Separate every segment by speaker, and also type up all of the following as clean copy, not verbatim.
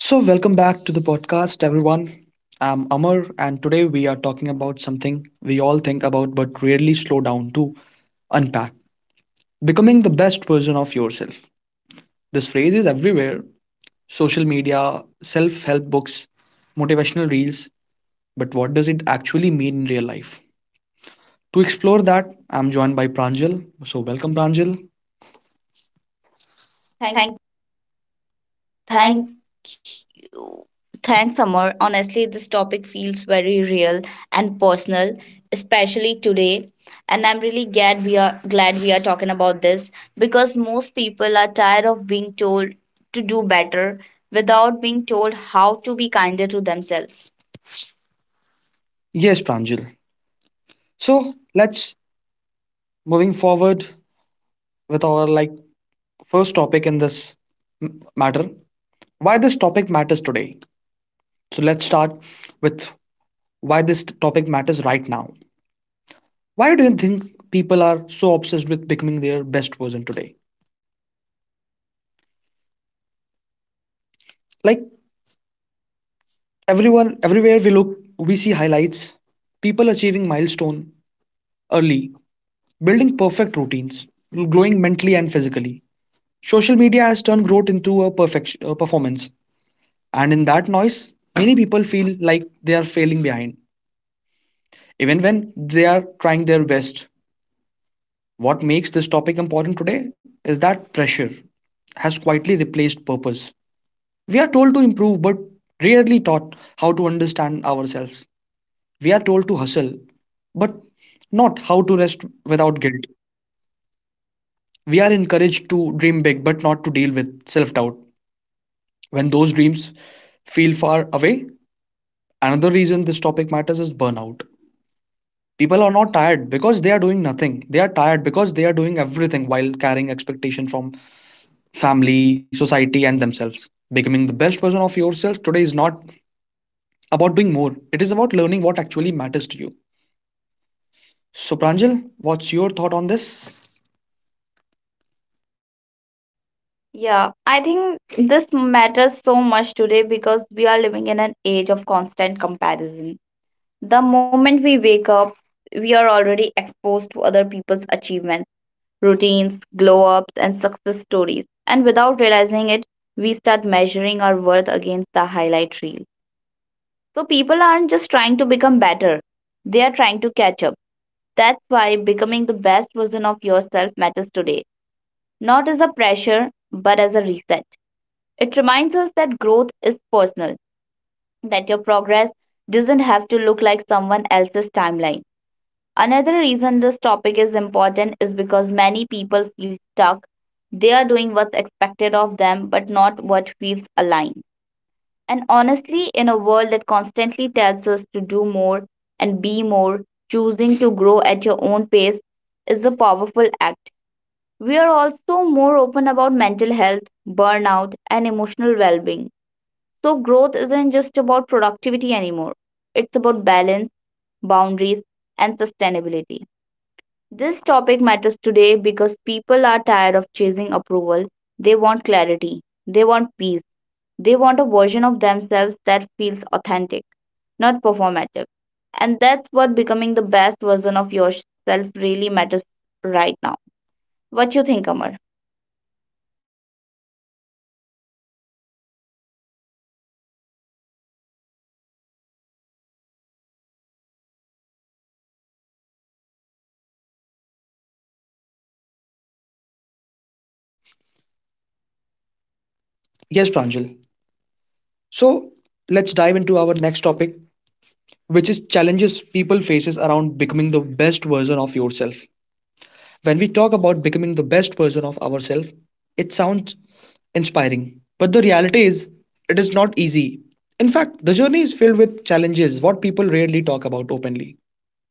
Speaker 1: So, welcome back to the podcast, everyone. I'm Amar, and today we are talking about something we all think about but rarely slow down to unpack becoming the best version of yourself. This phrase is everywhere social media, self help books, motivational reels. But what does it actually mean in real life? To explore that, I'm joined by Pranjal. So, welcome, Pranjal.
Speaker 2: Thank, thank,
Speaker 1: Thank you. Thanks, Amar. Honestly, this topic feels very real and personal, especially today. And I'm really glad we are talking about this because most people are tired of being told to do better without being told how to be kinder to themselves. Yes, Pranjal. So let's moving forward with our like first topic in this m- matter. Why this topic matters today. So let's start with why this topic matters right now. Why do you think people are so obsessed with becoming their best version today? Like everyone, everywhere we look, we see highlights, people achieving milestone early, building perfect routines, growing mentally and physically. Social media has turned growth into a performance, and in that noise, many people feel like they are failing behind, even when they are trying their best. What makes this topic important today is that pressure has quietly replaced purpose. We are told to improve but rarely taught how to understand ourselves. We are told to hustle but not how to rest without guilt. We are encouraged to dream big but not to deal with self doubt. When those dreams feel far away, another reason this topic matters is burnout. People are not tired because they are doing nothing. They are tired because they are doing everything while carrying expectation from family, society, and themselves. Becoming the best version of yourself today is not about doing more, it is about learning what actually matters to you. So, Pranjal, what's your thought on this?
Speaker 2: yeah, I think this matters so much today because we are living in an age of constant comparison. The moment we wake up, we are already exposed to other people's achievements, routines, glow ups, and success stories. And without realizing it, we start measuring our worth against the highlight reel. So people aren't just trying to become better, they are trying to catch up. That's why becoming the best version of yourself matters today, not as a pressure, but as a reset. It reminds us that growth is personal, that your progress doesn't have to look like someone else's timeline. Another reason this topic is important is because many people feel stuck. They are doing what's expected of them, but not what feels aligned. And honestly, in a world that constantly tells us to do more and be more, choosing to grow at your own pace is a powerful act. We are also more open about mental health, burnout, and emotional well being, so growth isn't just about productivity anymore. It's about balance, boundaries, and sustainability. This topic matters today because people are tired of chasing approval. They want clarity, they want peace, they want a version of themselves that feels authentic, not performative. And that's what becoming the best version of yourself really matters right now. What you think, Amar?
Speaker 1: Yes, Pranjal. So, let's dive into our next topic, which is challenges people faces around becoming the best version of yourself. When we talk about becoming the best version of ourselves, it sounds inspiring, but the reality is it is not easy. In fact, the journey is filled with challenges what people rarely talk about openly.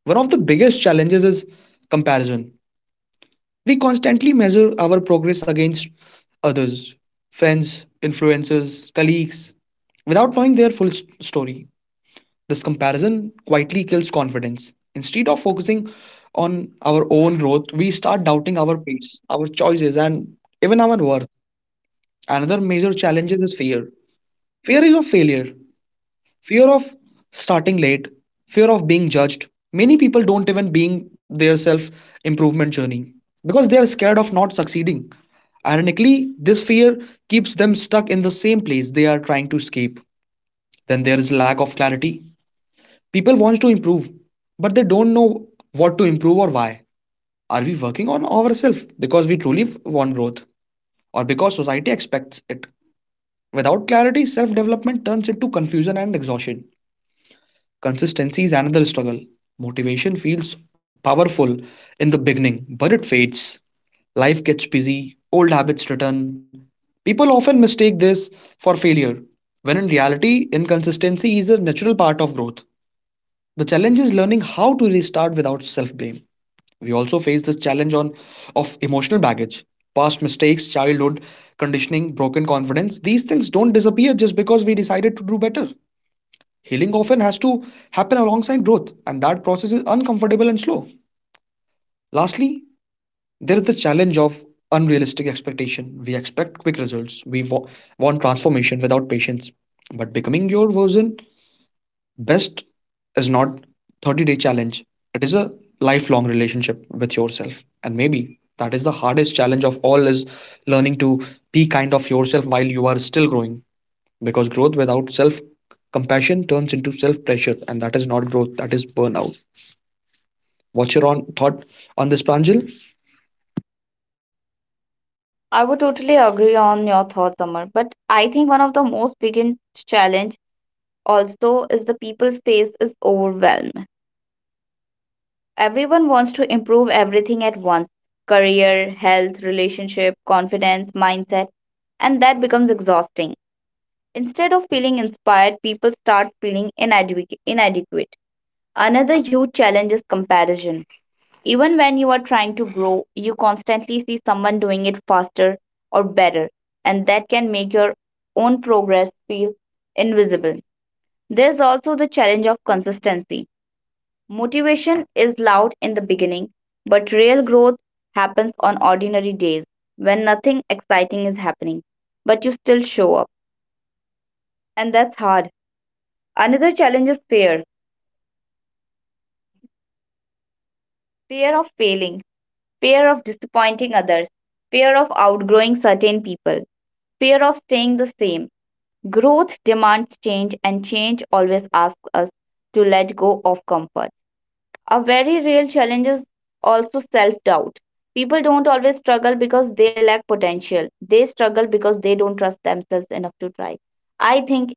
Speaker 1: One of the biggest challenges is comparison. We constantly measure our progress against others, friends, influencers, colleagues, without knowing their full story. This comparison quietly kills confidence. Instead of focusing on our own growth, we start doubting our pace, our choices, and even our worth. Another major challenge is fear. Fear is of failure, fear of starting late, fear of being judged. Many people don't even being their self improvement journey because they are scared of not succeeding. Ironically, this fear keeps them stuck in the same place they are trying to escape. Then there is lack of clarity. People want to improve but they don't know what to improve or why. Are we working on ourselves because we truly want growth or because society expects it? Without clarity, self development turns into confusion and exhaustion. Consistency is another struggle. Motivation feels powerful in the beginning, but it fades. Life gets busy, old habits return. People often mistake this for failure, when in reality, inconsistency is a natural part of growth. The challenge is learning how to restart without self blame. We also face this challenge of emotional baggage. Past mistakes, childhood conditioning, broken confidence, these things don't disappear just because we decided to do better. Healing often has to happen alongside growth, and that process is uncomfortable and slow. Lastly, there is the challenge of unrealistic expectation. We expect quick results, we want transformation without patience. But becoming your version best is not 30-day challenge. It is a lifelong relationship with yourself. And maybe that is the hardest challenge of all, is learning to be kind of yourself while you are still growing, because growth without self compassion turns into self pressure, and that is not growth, that is burnout. What's your on thought on this, Pranjal?
Speaker 2: I would totally agree on your thoughts, Amar. But I think one of the most biggest challenge also is the people face is overwhelm. Everyone wants to improve everything at once: career, health, relationship, confidence, mindset, and that becomes exhausting. Instead of feeling inspired, people start feeling inadequate. Another huge challenge is comparison. Even when you are trying to grow, you constantly see someone doing it faster or better, and that can make your own progress feel invisible. There's also the challenge of consistency. Motivation is loud in the beginning, but real growth happens on ordinary days when nothing exciting is happening, but you still show up. And that's hard. Another challenge is fear: fear of failing, fear of disappointing others, fear of outgrowing certain people, fear of staying the same. Growth demands change, and change always asks us to let go of comfort. A very real challenge is also self doubt. People don't always struggle because they lack potential. They struggle because they don't trust themselves enough to try. I think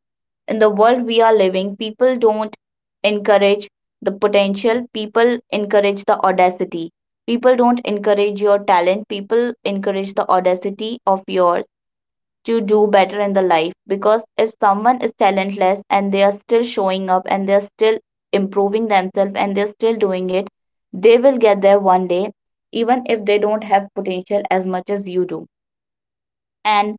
Speaker 2: in the world we are living, people don't encourage the potential, people encourage the audacity. People don't encourage your talent, people encourage the audacity of yours to do better in the life, because if someone is talentless and they are still showing up and they're still improving themselves and they're still doing it, they will get there one day, even if they don't have potential as much as you do. And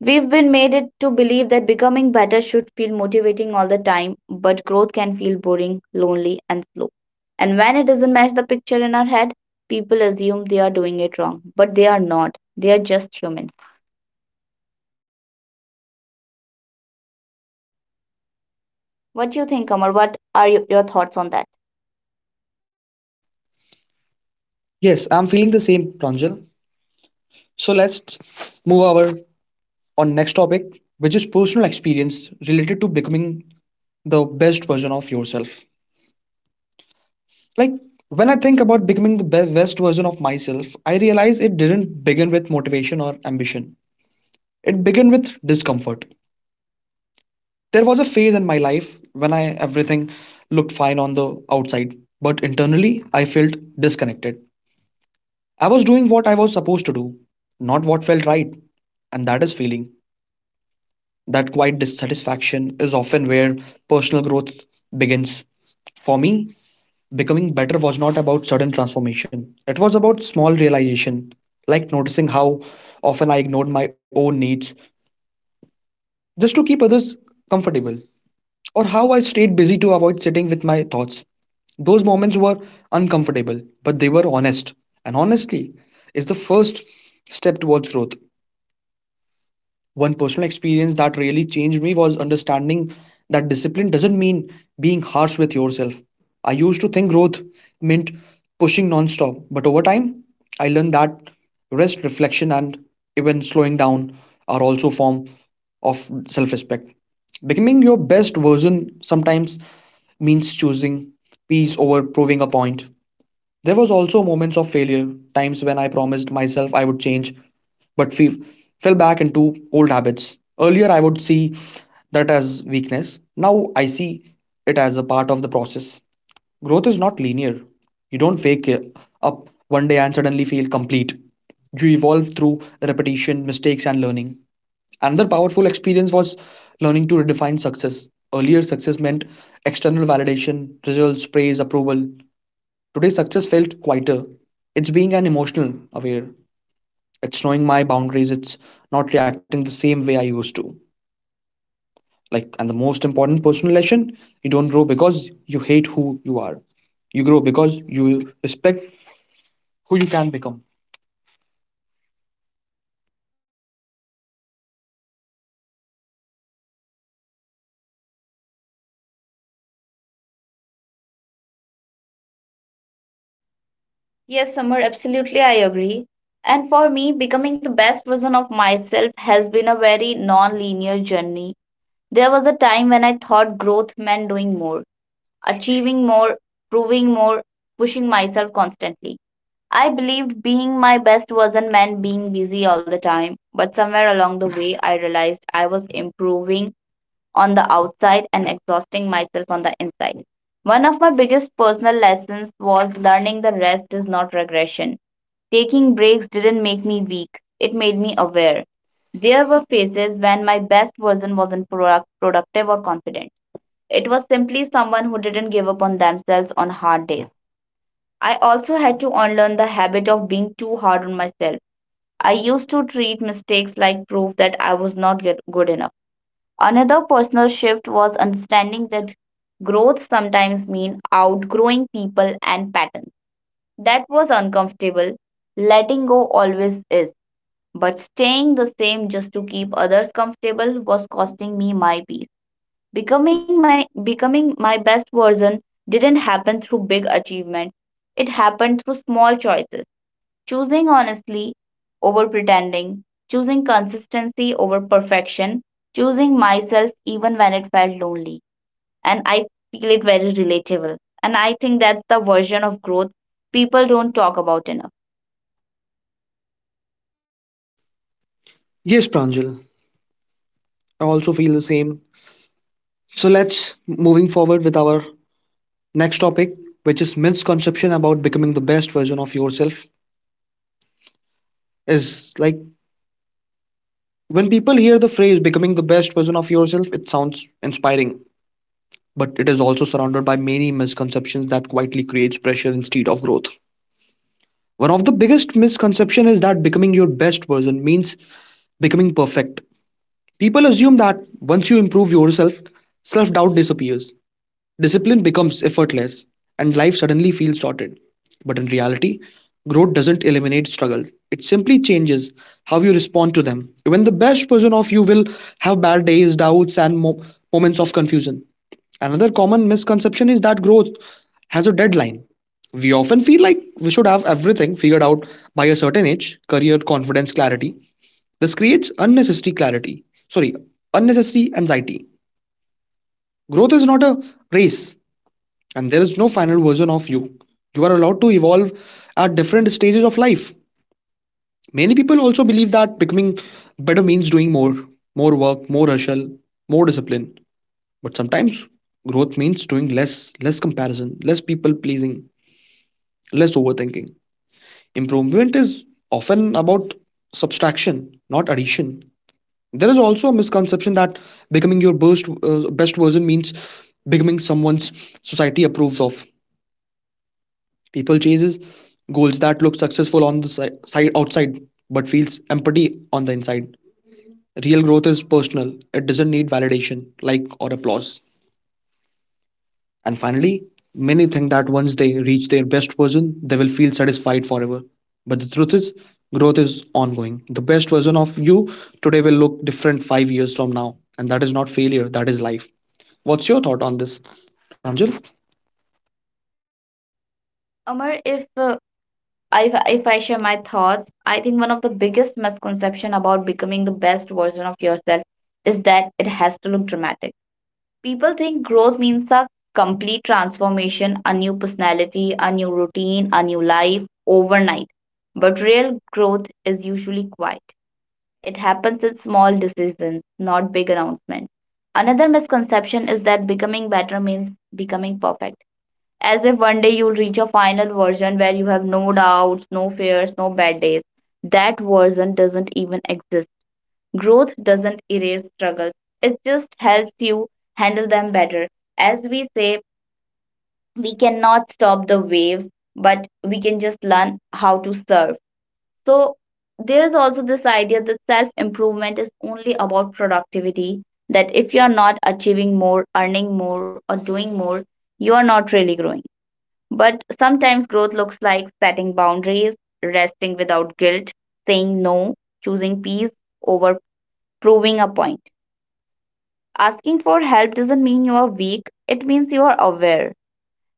Speaker 2: we've been made it to believe that becoming better should feel motivating all the time, but growth can feel boring, lonely, and slow. And when it doesn't match the picture in our head, people assume they are doing it wrong, but they are not. They are just human. What do you think, Amar? What are your thoughts on that?
Speaker 1: Yes, I'm feeling the same, Pranjal. So let's move over on next topic, which is personal experience related to becoming the best version of yourself. Like when I think about becoming the best version of myself, I realize it didn't begin with motivation or ambition, it began with discomfort. There was a phase in my life when I, everything looked fine on the outside, but internally I felt disconnected. I was doing what I was supposed to do, not what felt right, and that is feeling. That quiet dissatisfaction is often where personal growth begins. For me, becoming better was not about sudden transformation. It was about small realization, like noticing how often I ignored my own needs just to keep others comfortable, or how I stayed busy to avoid sitting with my thoughts. Those moments were uncomfortable, but they were honest. And honestly, is the first step towards growth. One personal experience that really changed me was understanding that discipline doesn't mean being harsh with yourself. I used to think growth meant pushing nonstop, but over time, I learned that rest, reflection, and even slowing down are also form of self-respect. Becoming your best version sometimes means choosing peace over proving a point. There was also moments of failure, times when I promised myself I would change, but we fell back into old habits. Earlier, I would see that as weakness. Now, I see it as a part of the process. Growth is not linear. You don't wake up one day and suddenly feel complete. You evolve through repetition, mistakes, and learning. Another powerful experience was learning to redefine success. Earlier, success meant external validation, results, praise, approval. Today, success felt quieter. It's being an emotional aware, it's knowing my boundaries, it's not reacting the same way I used to. Like, and the most important personal lesson, you don't grow because you hate who you are, you grow because you respect who you can become.
Speaker 2: Yes, Amar, absolutely, I agree. And for me, becoming the best version of myself has been a very non linear journey. There was a time when I thought growth meant doing more, achieving more, proving more, pushing myself constantly. I believed being my best wasn't meant being busy all the time, but somewhere along the way, I realized I was improving on the outside and exhausting myself on the inside. One of my biggest personal lessons was learning the rest is not regression. Taking breaks didn't make me weak, it made me aware. There were phases when my best version wasn't productive or confident. It was simply someone who didn't give up on themselves on hard days. I also had to unlearn the habit of being too hard on myself. I used to treat mistakes like proof that I was not get- good enough. Another personal shift was understanding that growth sometimes means outgrowing people and patterns. That was uncomfortable. Letting go always is, but staying the same just to keep others comfortable was costing me my peace. Becoming my best version didn't happen through big achievements. It happened through small choices. Choosing honestly over pretending, choosing consistency over perfection, choosing myself even when it felt lonely. And I feel it very relatable. And I think that's the version of growth people don't talk about enough.
Speaker 1: Yes, Pranjal, I also feel the same. So let's moving forward with our next topic, which is misconception about becoming the best version of yourself. Is, like, when people hear the phrase becoming the best version of yourself, it sounds inspiring, but it is also surrounded by many misconceptions that quietly creates pressure instead of growth. One of the biggest misconception is that becoming your best version means becoming perfect. People assume that once you improve yourself, self-doubt disappears. Discipline becomes effortless and life suddenly feels sorted. But in reality, growth doesn't eliminate struggle. It simply changes how you respond to them. Even the best version of you will have bad days, doubts, and moments of confusion. Another common misconception is that growth has a deadline. We often feel like we should have everything figured out by a certain age, career, confidence, clarity. This creates unnecessary clarity. Sorry, unnecessary anxiety. Growth is not a race, and there is no final version of you. You are allowed to evolve at different stages of life. Many people also believe that becoming better means doing more, more work, more hustle, more discipline, but sometimes growth means doing less, less comparison, less people pleasing, less overthinking. Improvement is often about subtraction, not addition. There is also a misconception that becoming your best version means becoming someone's society approves of. People chases goals that look successful on the side outside but feels empty on the inside. Real growth is personal. It doesn't need validation, like or applause. And finally, many think that once they reach their best version, they will feel satisfied forever. But the truth is, growth is ongoing. The best version of you today will look different 5 years from now, and that is not failure, that is life. What's your thought on this, Pranjal?
Speaker 2: Amar, if I share my thoughts, I think one of the biggest misconception about becoming the best version of yourself is that it has to look dramatic. People think growth means a complete transformation, a new personality, a new routine, a new life overnight. But real growth is usually quiet. It happens in small decisions, not big announcements. Another misconception is that becoming better means becoming perfect. As if one day you'll reach a final version where you have no doubts, no fears, no bad days. That version doesn't even exist. Growth doesn't erase struggles, it just helps you handle them better. As we say, we cannot stop the waves, but we can just learn how to surf. So, there's also this idea that self improvement is only about productivity, that if you are not achieving more, earning more, or doing more, you are not really growing. But sometimes growth looks like setting boundaries, resting without guilt, saying no, choosing peace over proving a point. Asking for help doesn't mean you are weak, it means you are aware.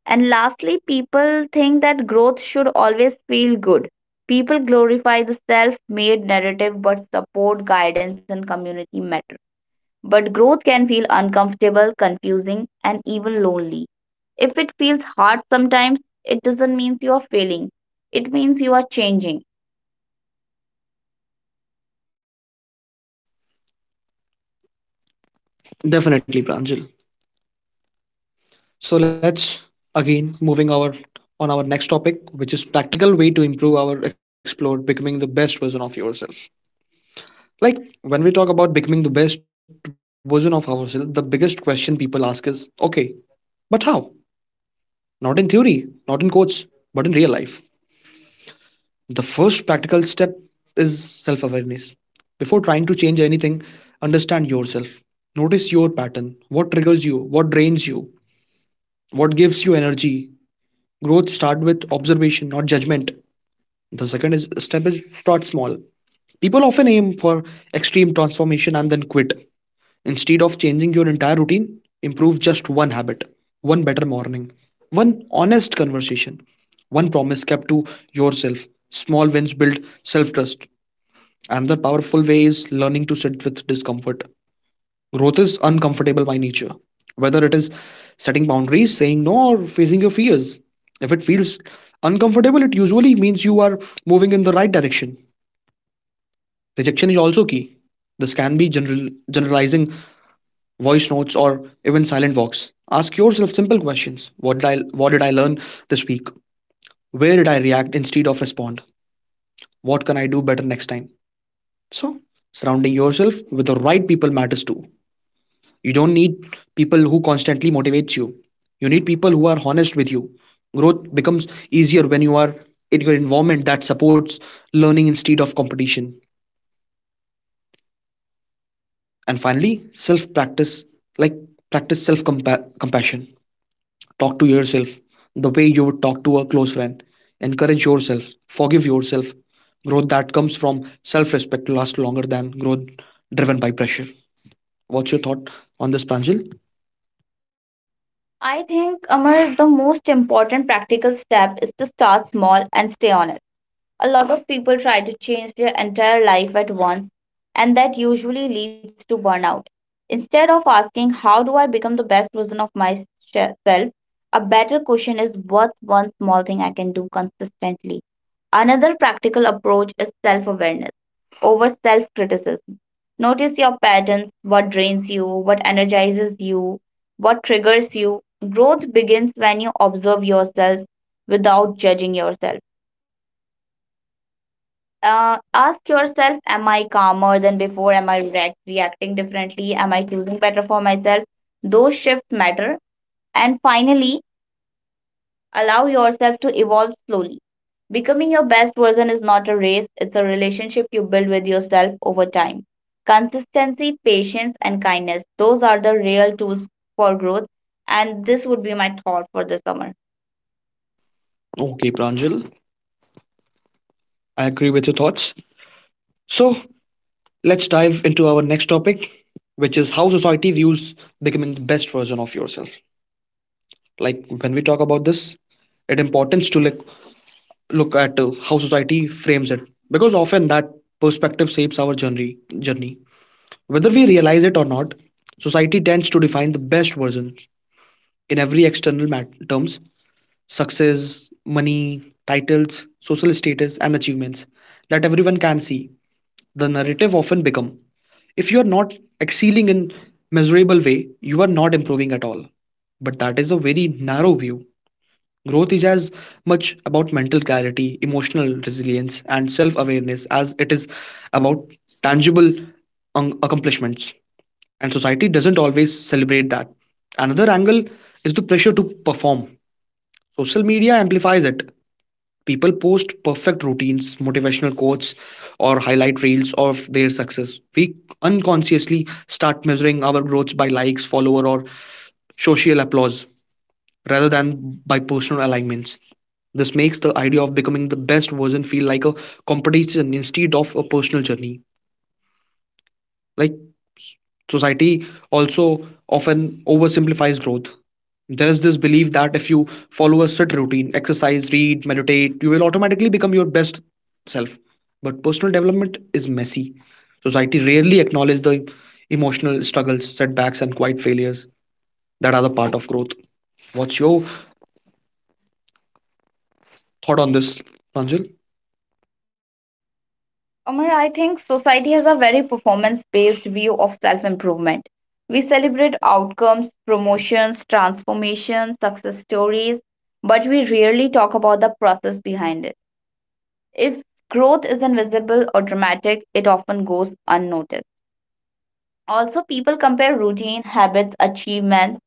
Speaker 2: And lastly, people think that growth should always feel good. People glorify the self made narrative, but support, guidance, and community matter. But growth can feel uncomfortable, confusing, and even lonely. If it feels hard sometimes, it doesn't mean you are failing, it means you are changing.
Speaker 1: Definitely, Pranjal. So let's again moving our on our next topic, which is practical way to improve our explore becoming the best version of yourself. Like when we talk about becoming the best version of ourselves, the biggest question people ask is, okay, but how? Not in theory, not in quotes, but in real life. The first practical step is self-awareness. Before trying to change anything, understand yourself. Notice your pattern, what triggers you, what drains you, what gives you energy. Growth start with observation, not judgment. The second is step is start small. People often aim for extreme transformation and then quit. Instead of changing your entire routine, improve just one habit, one better morning, one honest conversation, one promise kept to yourself. Small wins build self trust. Another powerful way is learning to sit with discomfort. Growth is uncomfortable by nature, whether it is setting boundaries, saying no, or facing your fears. If it feels uncomfortable, it usually means you are moving in the right direction. Rejection is also key. This can be general, generalizing voice notes or even silent walks. Ask yourself simple questions. What did I learn this week? Where did I react instead of respond? What can I do better next time? So, Surrounding yourself with the right people matters too. You don't need people who constantly motivates you. You need people who are honest with you. Growth becomes easier when you are in your environment that supports learning instead of competition. And finally, self practice, like practice self compassion. Talk to yourself the way you would talk to a close friend. Encourage yourself, forgive yourself. Growth that comes from self respect lasts longer than growth driven by pressure. What's your thought on this, Pranjal?
Speaker 2: I think, Amar, the most important practical step is to start small and stay honest. A lot of people try to change their entire life at once, and that usually leads to burnout. Instead of asking, "How do I become the best version of myself?", a better question is, "What's one small thing I can do consistently?" Another practical approach is self awareness over self criticism. Notice your patterns, what drains you, what energizes you, what triggers you. Growth begins when you observe yourself without judging yourself. Ask yourself, am I calmer than before? Am I reacting differently? Am I choosing better for myself? Those shifts matter. And finally, allow yourself to evolve slowly. Becoming your best version is not a race, it's a relationship you build with yourself over time. Consistency, patience, and kindness, those are the real tools for growth. And this would be my thought for the summer.
Speaker 1: Okay, Pranjal, I agree with your thoughts. So let's dive into our next topic, which is how society views becoming the best version of yourself. Like when we talk about this, it importance to look at how society frames it because often that perspective shapes our journey whether we realize it or not. Society tends to define the best versions in every terms: success, money, titles, social status, and achievements that everyone can see. The narrative often become, if you are not excelling in measurable way, you are not improving at all. But that is a very narrow view. Growth is as much about mental clarity, emotional resilience, and self awareness as it is about tangible accomplishments. And society doesn't always celebrate that. Another angle is the pressure to perform. Social media amplifies it. People post perfect routines, motivational quotes, or highlight reels of their success. We unconsciously start measuring our growth by likes, follower, or social applause rather than by personal alignments. This makes the idea of becoming the best version feel like a competition instead of a personal journey. Like Society also often oversimplifies growth. There is this belief that if you follow a set routine, exercise, read, meditate, you will automatically become your best self. But personal development is messy. Society rarely acknowledges the emotional struggles, setbacks, and quiet failures that are the part of growth. What's your thought on this, Pranjal?
Speaker 2: Amar, I think society has a very performance based view of self improvement. We celebrate outcomes, promotions, transformations, success stories, but we rarely talk about the process behind it. If growth isn't visible or dramatic, it often goes unnoticed. Also, people compare routine, habits, achievements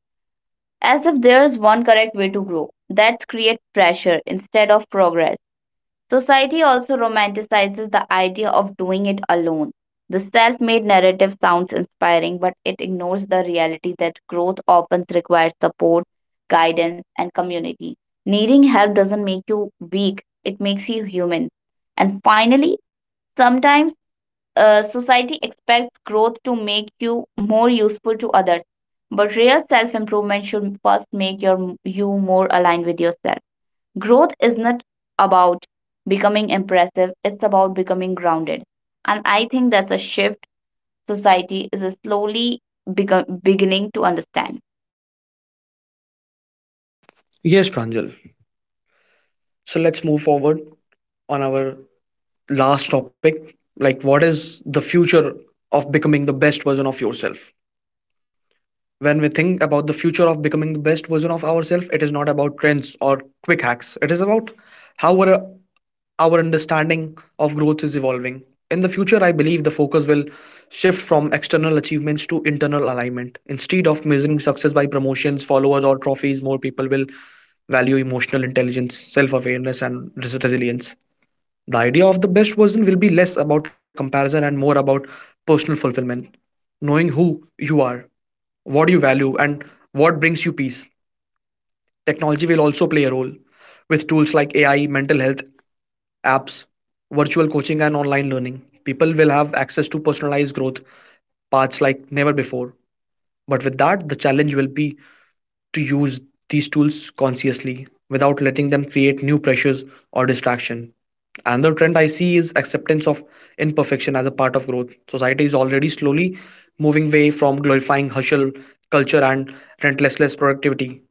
Speaker 2: as if there's one correct way to grow. That creates pressure instead of progress. Society also romanticizes the idea of doing it alone. The self made narrative sounds inspiring, but it ignores the reality that growth often requires support, guidance, and community. Needing help doesn't make you weak, it makes you human. And finally, sometimes society expects growth to make you more useful to others, but real self improvement should first make you more aligned with yourself. Growth is not about becoming impressive, it's about becoming grounded. And I think that's a shift society is slowly beginning to understand.
Speaker 1: Yes, Pranjal. So let's move forward on our last topic, like what is the future of becoming the best version of yourself. When we think about the future of becoming the best version of ourselves, it is not about trends or quick hacks, it is about how our understanding of growth is evolving. In the future I believe the focus will shift from external achievements to internal alignment. Instead of measuring success by promotions, followers, or trophies, more people will value emotional intelligence, self awareness, and resilience. The idea of the best version will be less about comparison and more about personal fulfillment. Knowing who you are, what you value, and what brings you peace. Technology will also play a role with tools like AI, mental health, apps, virtual coaching, and online learning. People will have access to personalized growth paths like never before. But with that, the challenge will be to use these tools consciously without letting them create new pressures or distraction. Another trend I see is acceptance of imperfection as a part of growth. Society is already slowly moving away from glorifying hustle culture and relentless productivity.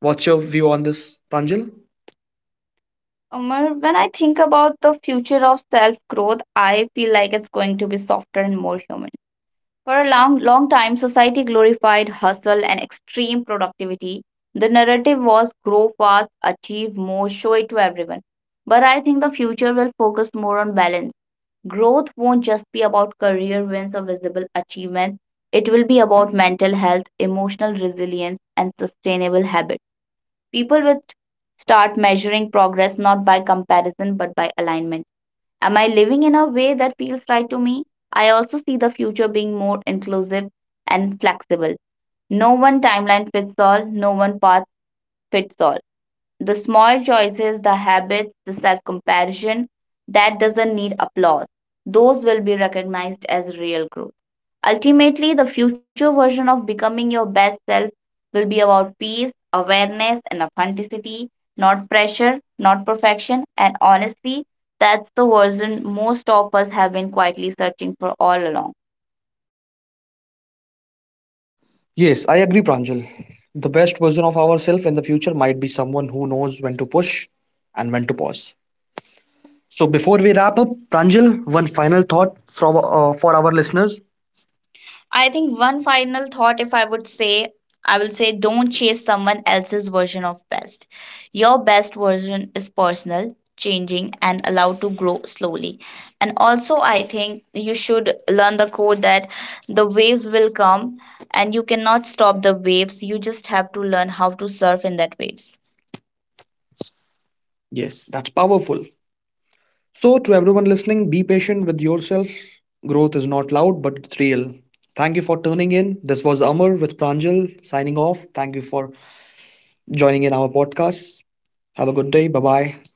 Speaker 1: What's your view on this, Pranjal?
Speaker 2: Umar, when I think about the future of self growth, I feel like it's going to be softer and more human. For a long, long time, society glorified hustle and extreme productivity. The narrative was: grow fast, achieve more, show it to everyone. But I think the future will focus more on balance. Growth won't just be about career wins or visible achievements, it will be about mental health, emotional resilience, and sustainable habits. People will start measuring progress not by comparison but by alignment. Am I living in a way that feels right to me? I also see the future being more inclusive and flexible. No one timeline fits all, no one path fits all. The small choices, the habits, the self comparison that doesn't need applause, those will be recognized as real growth. Ultimately, the future version of becoming your best self will be about peace, awareness, and authenticity, not pressure, not perfection, and honestly, that's the version most of us have been quietly searching for all along.
Speaker 1: Yes, I agree, Pranjal. The best version of ourselves in the future might be someone who knows when to push and when to pause. So, before we wrap up, Pranjal, one final thought for our listeners. I think one final thought, if I would say, I will say don't chase someone else's version of best. Your best version is personal, changing, and allowed to grow slowly. And also, I think you should learn the code that the waves will come and you cannot stop the waves. You just have to learn how to surf in that waves. Yes, that's powerful. So, to everyone listening, be patient with yourself. Growth is not loud, but it's real. Thank you for tuning in. This was Amar with Pranjal signing off. Thank you for joining in our podcast. Have a good day. Bye bye.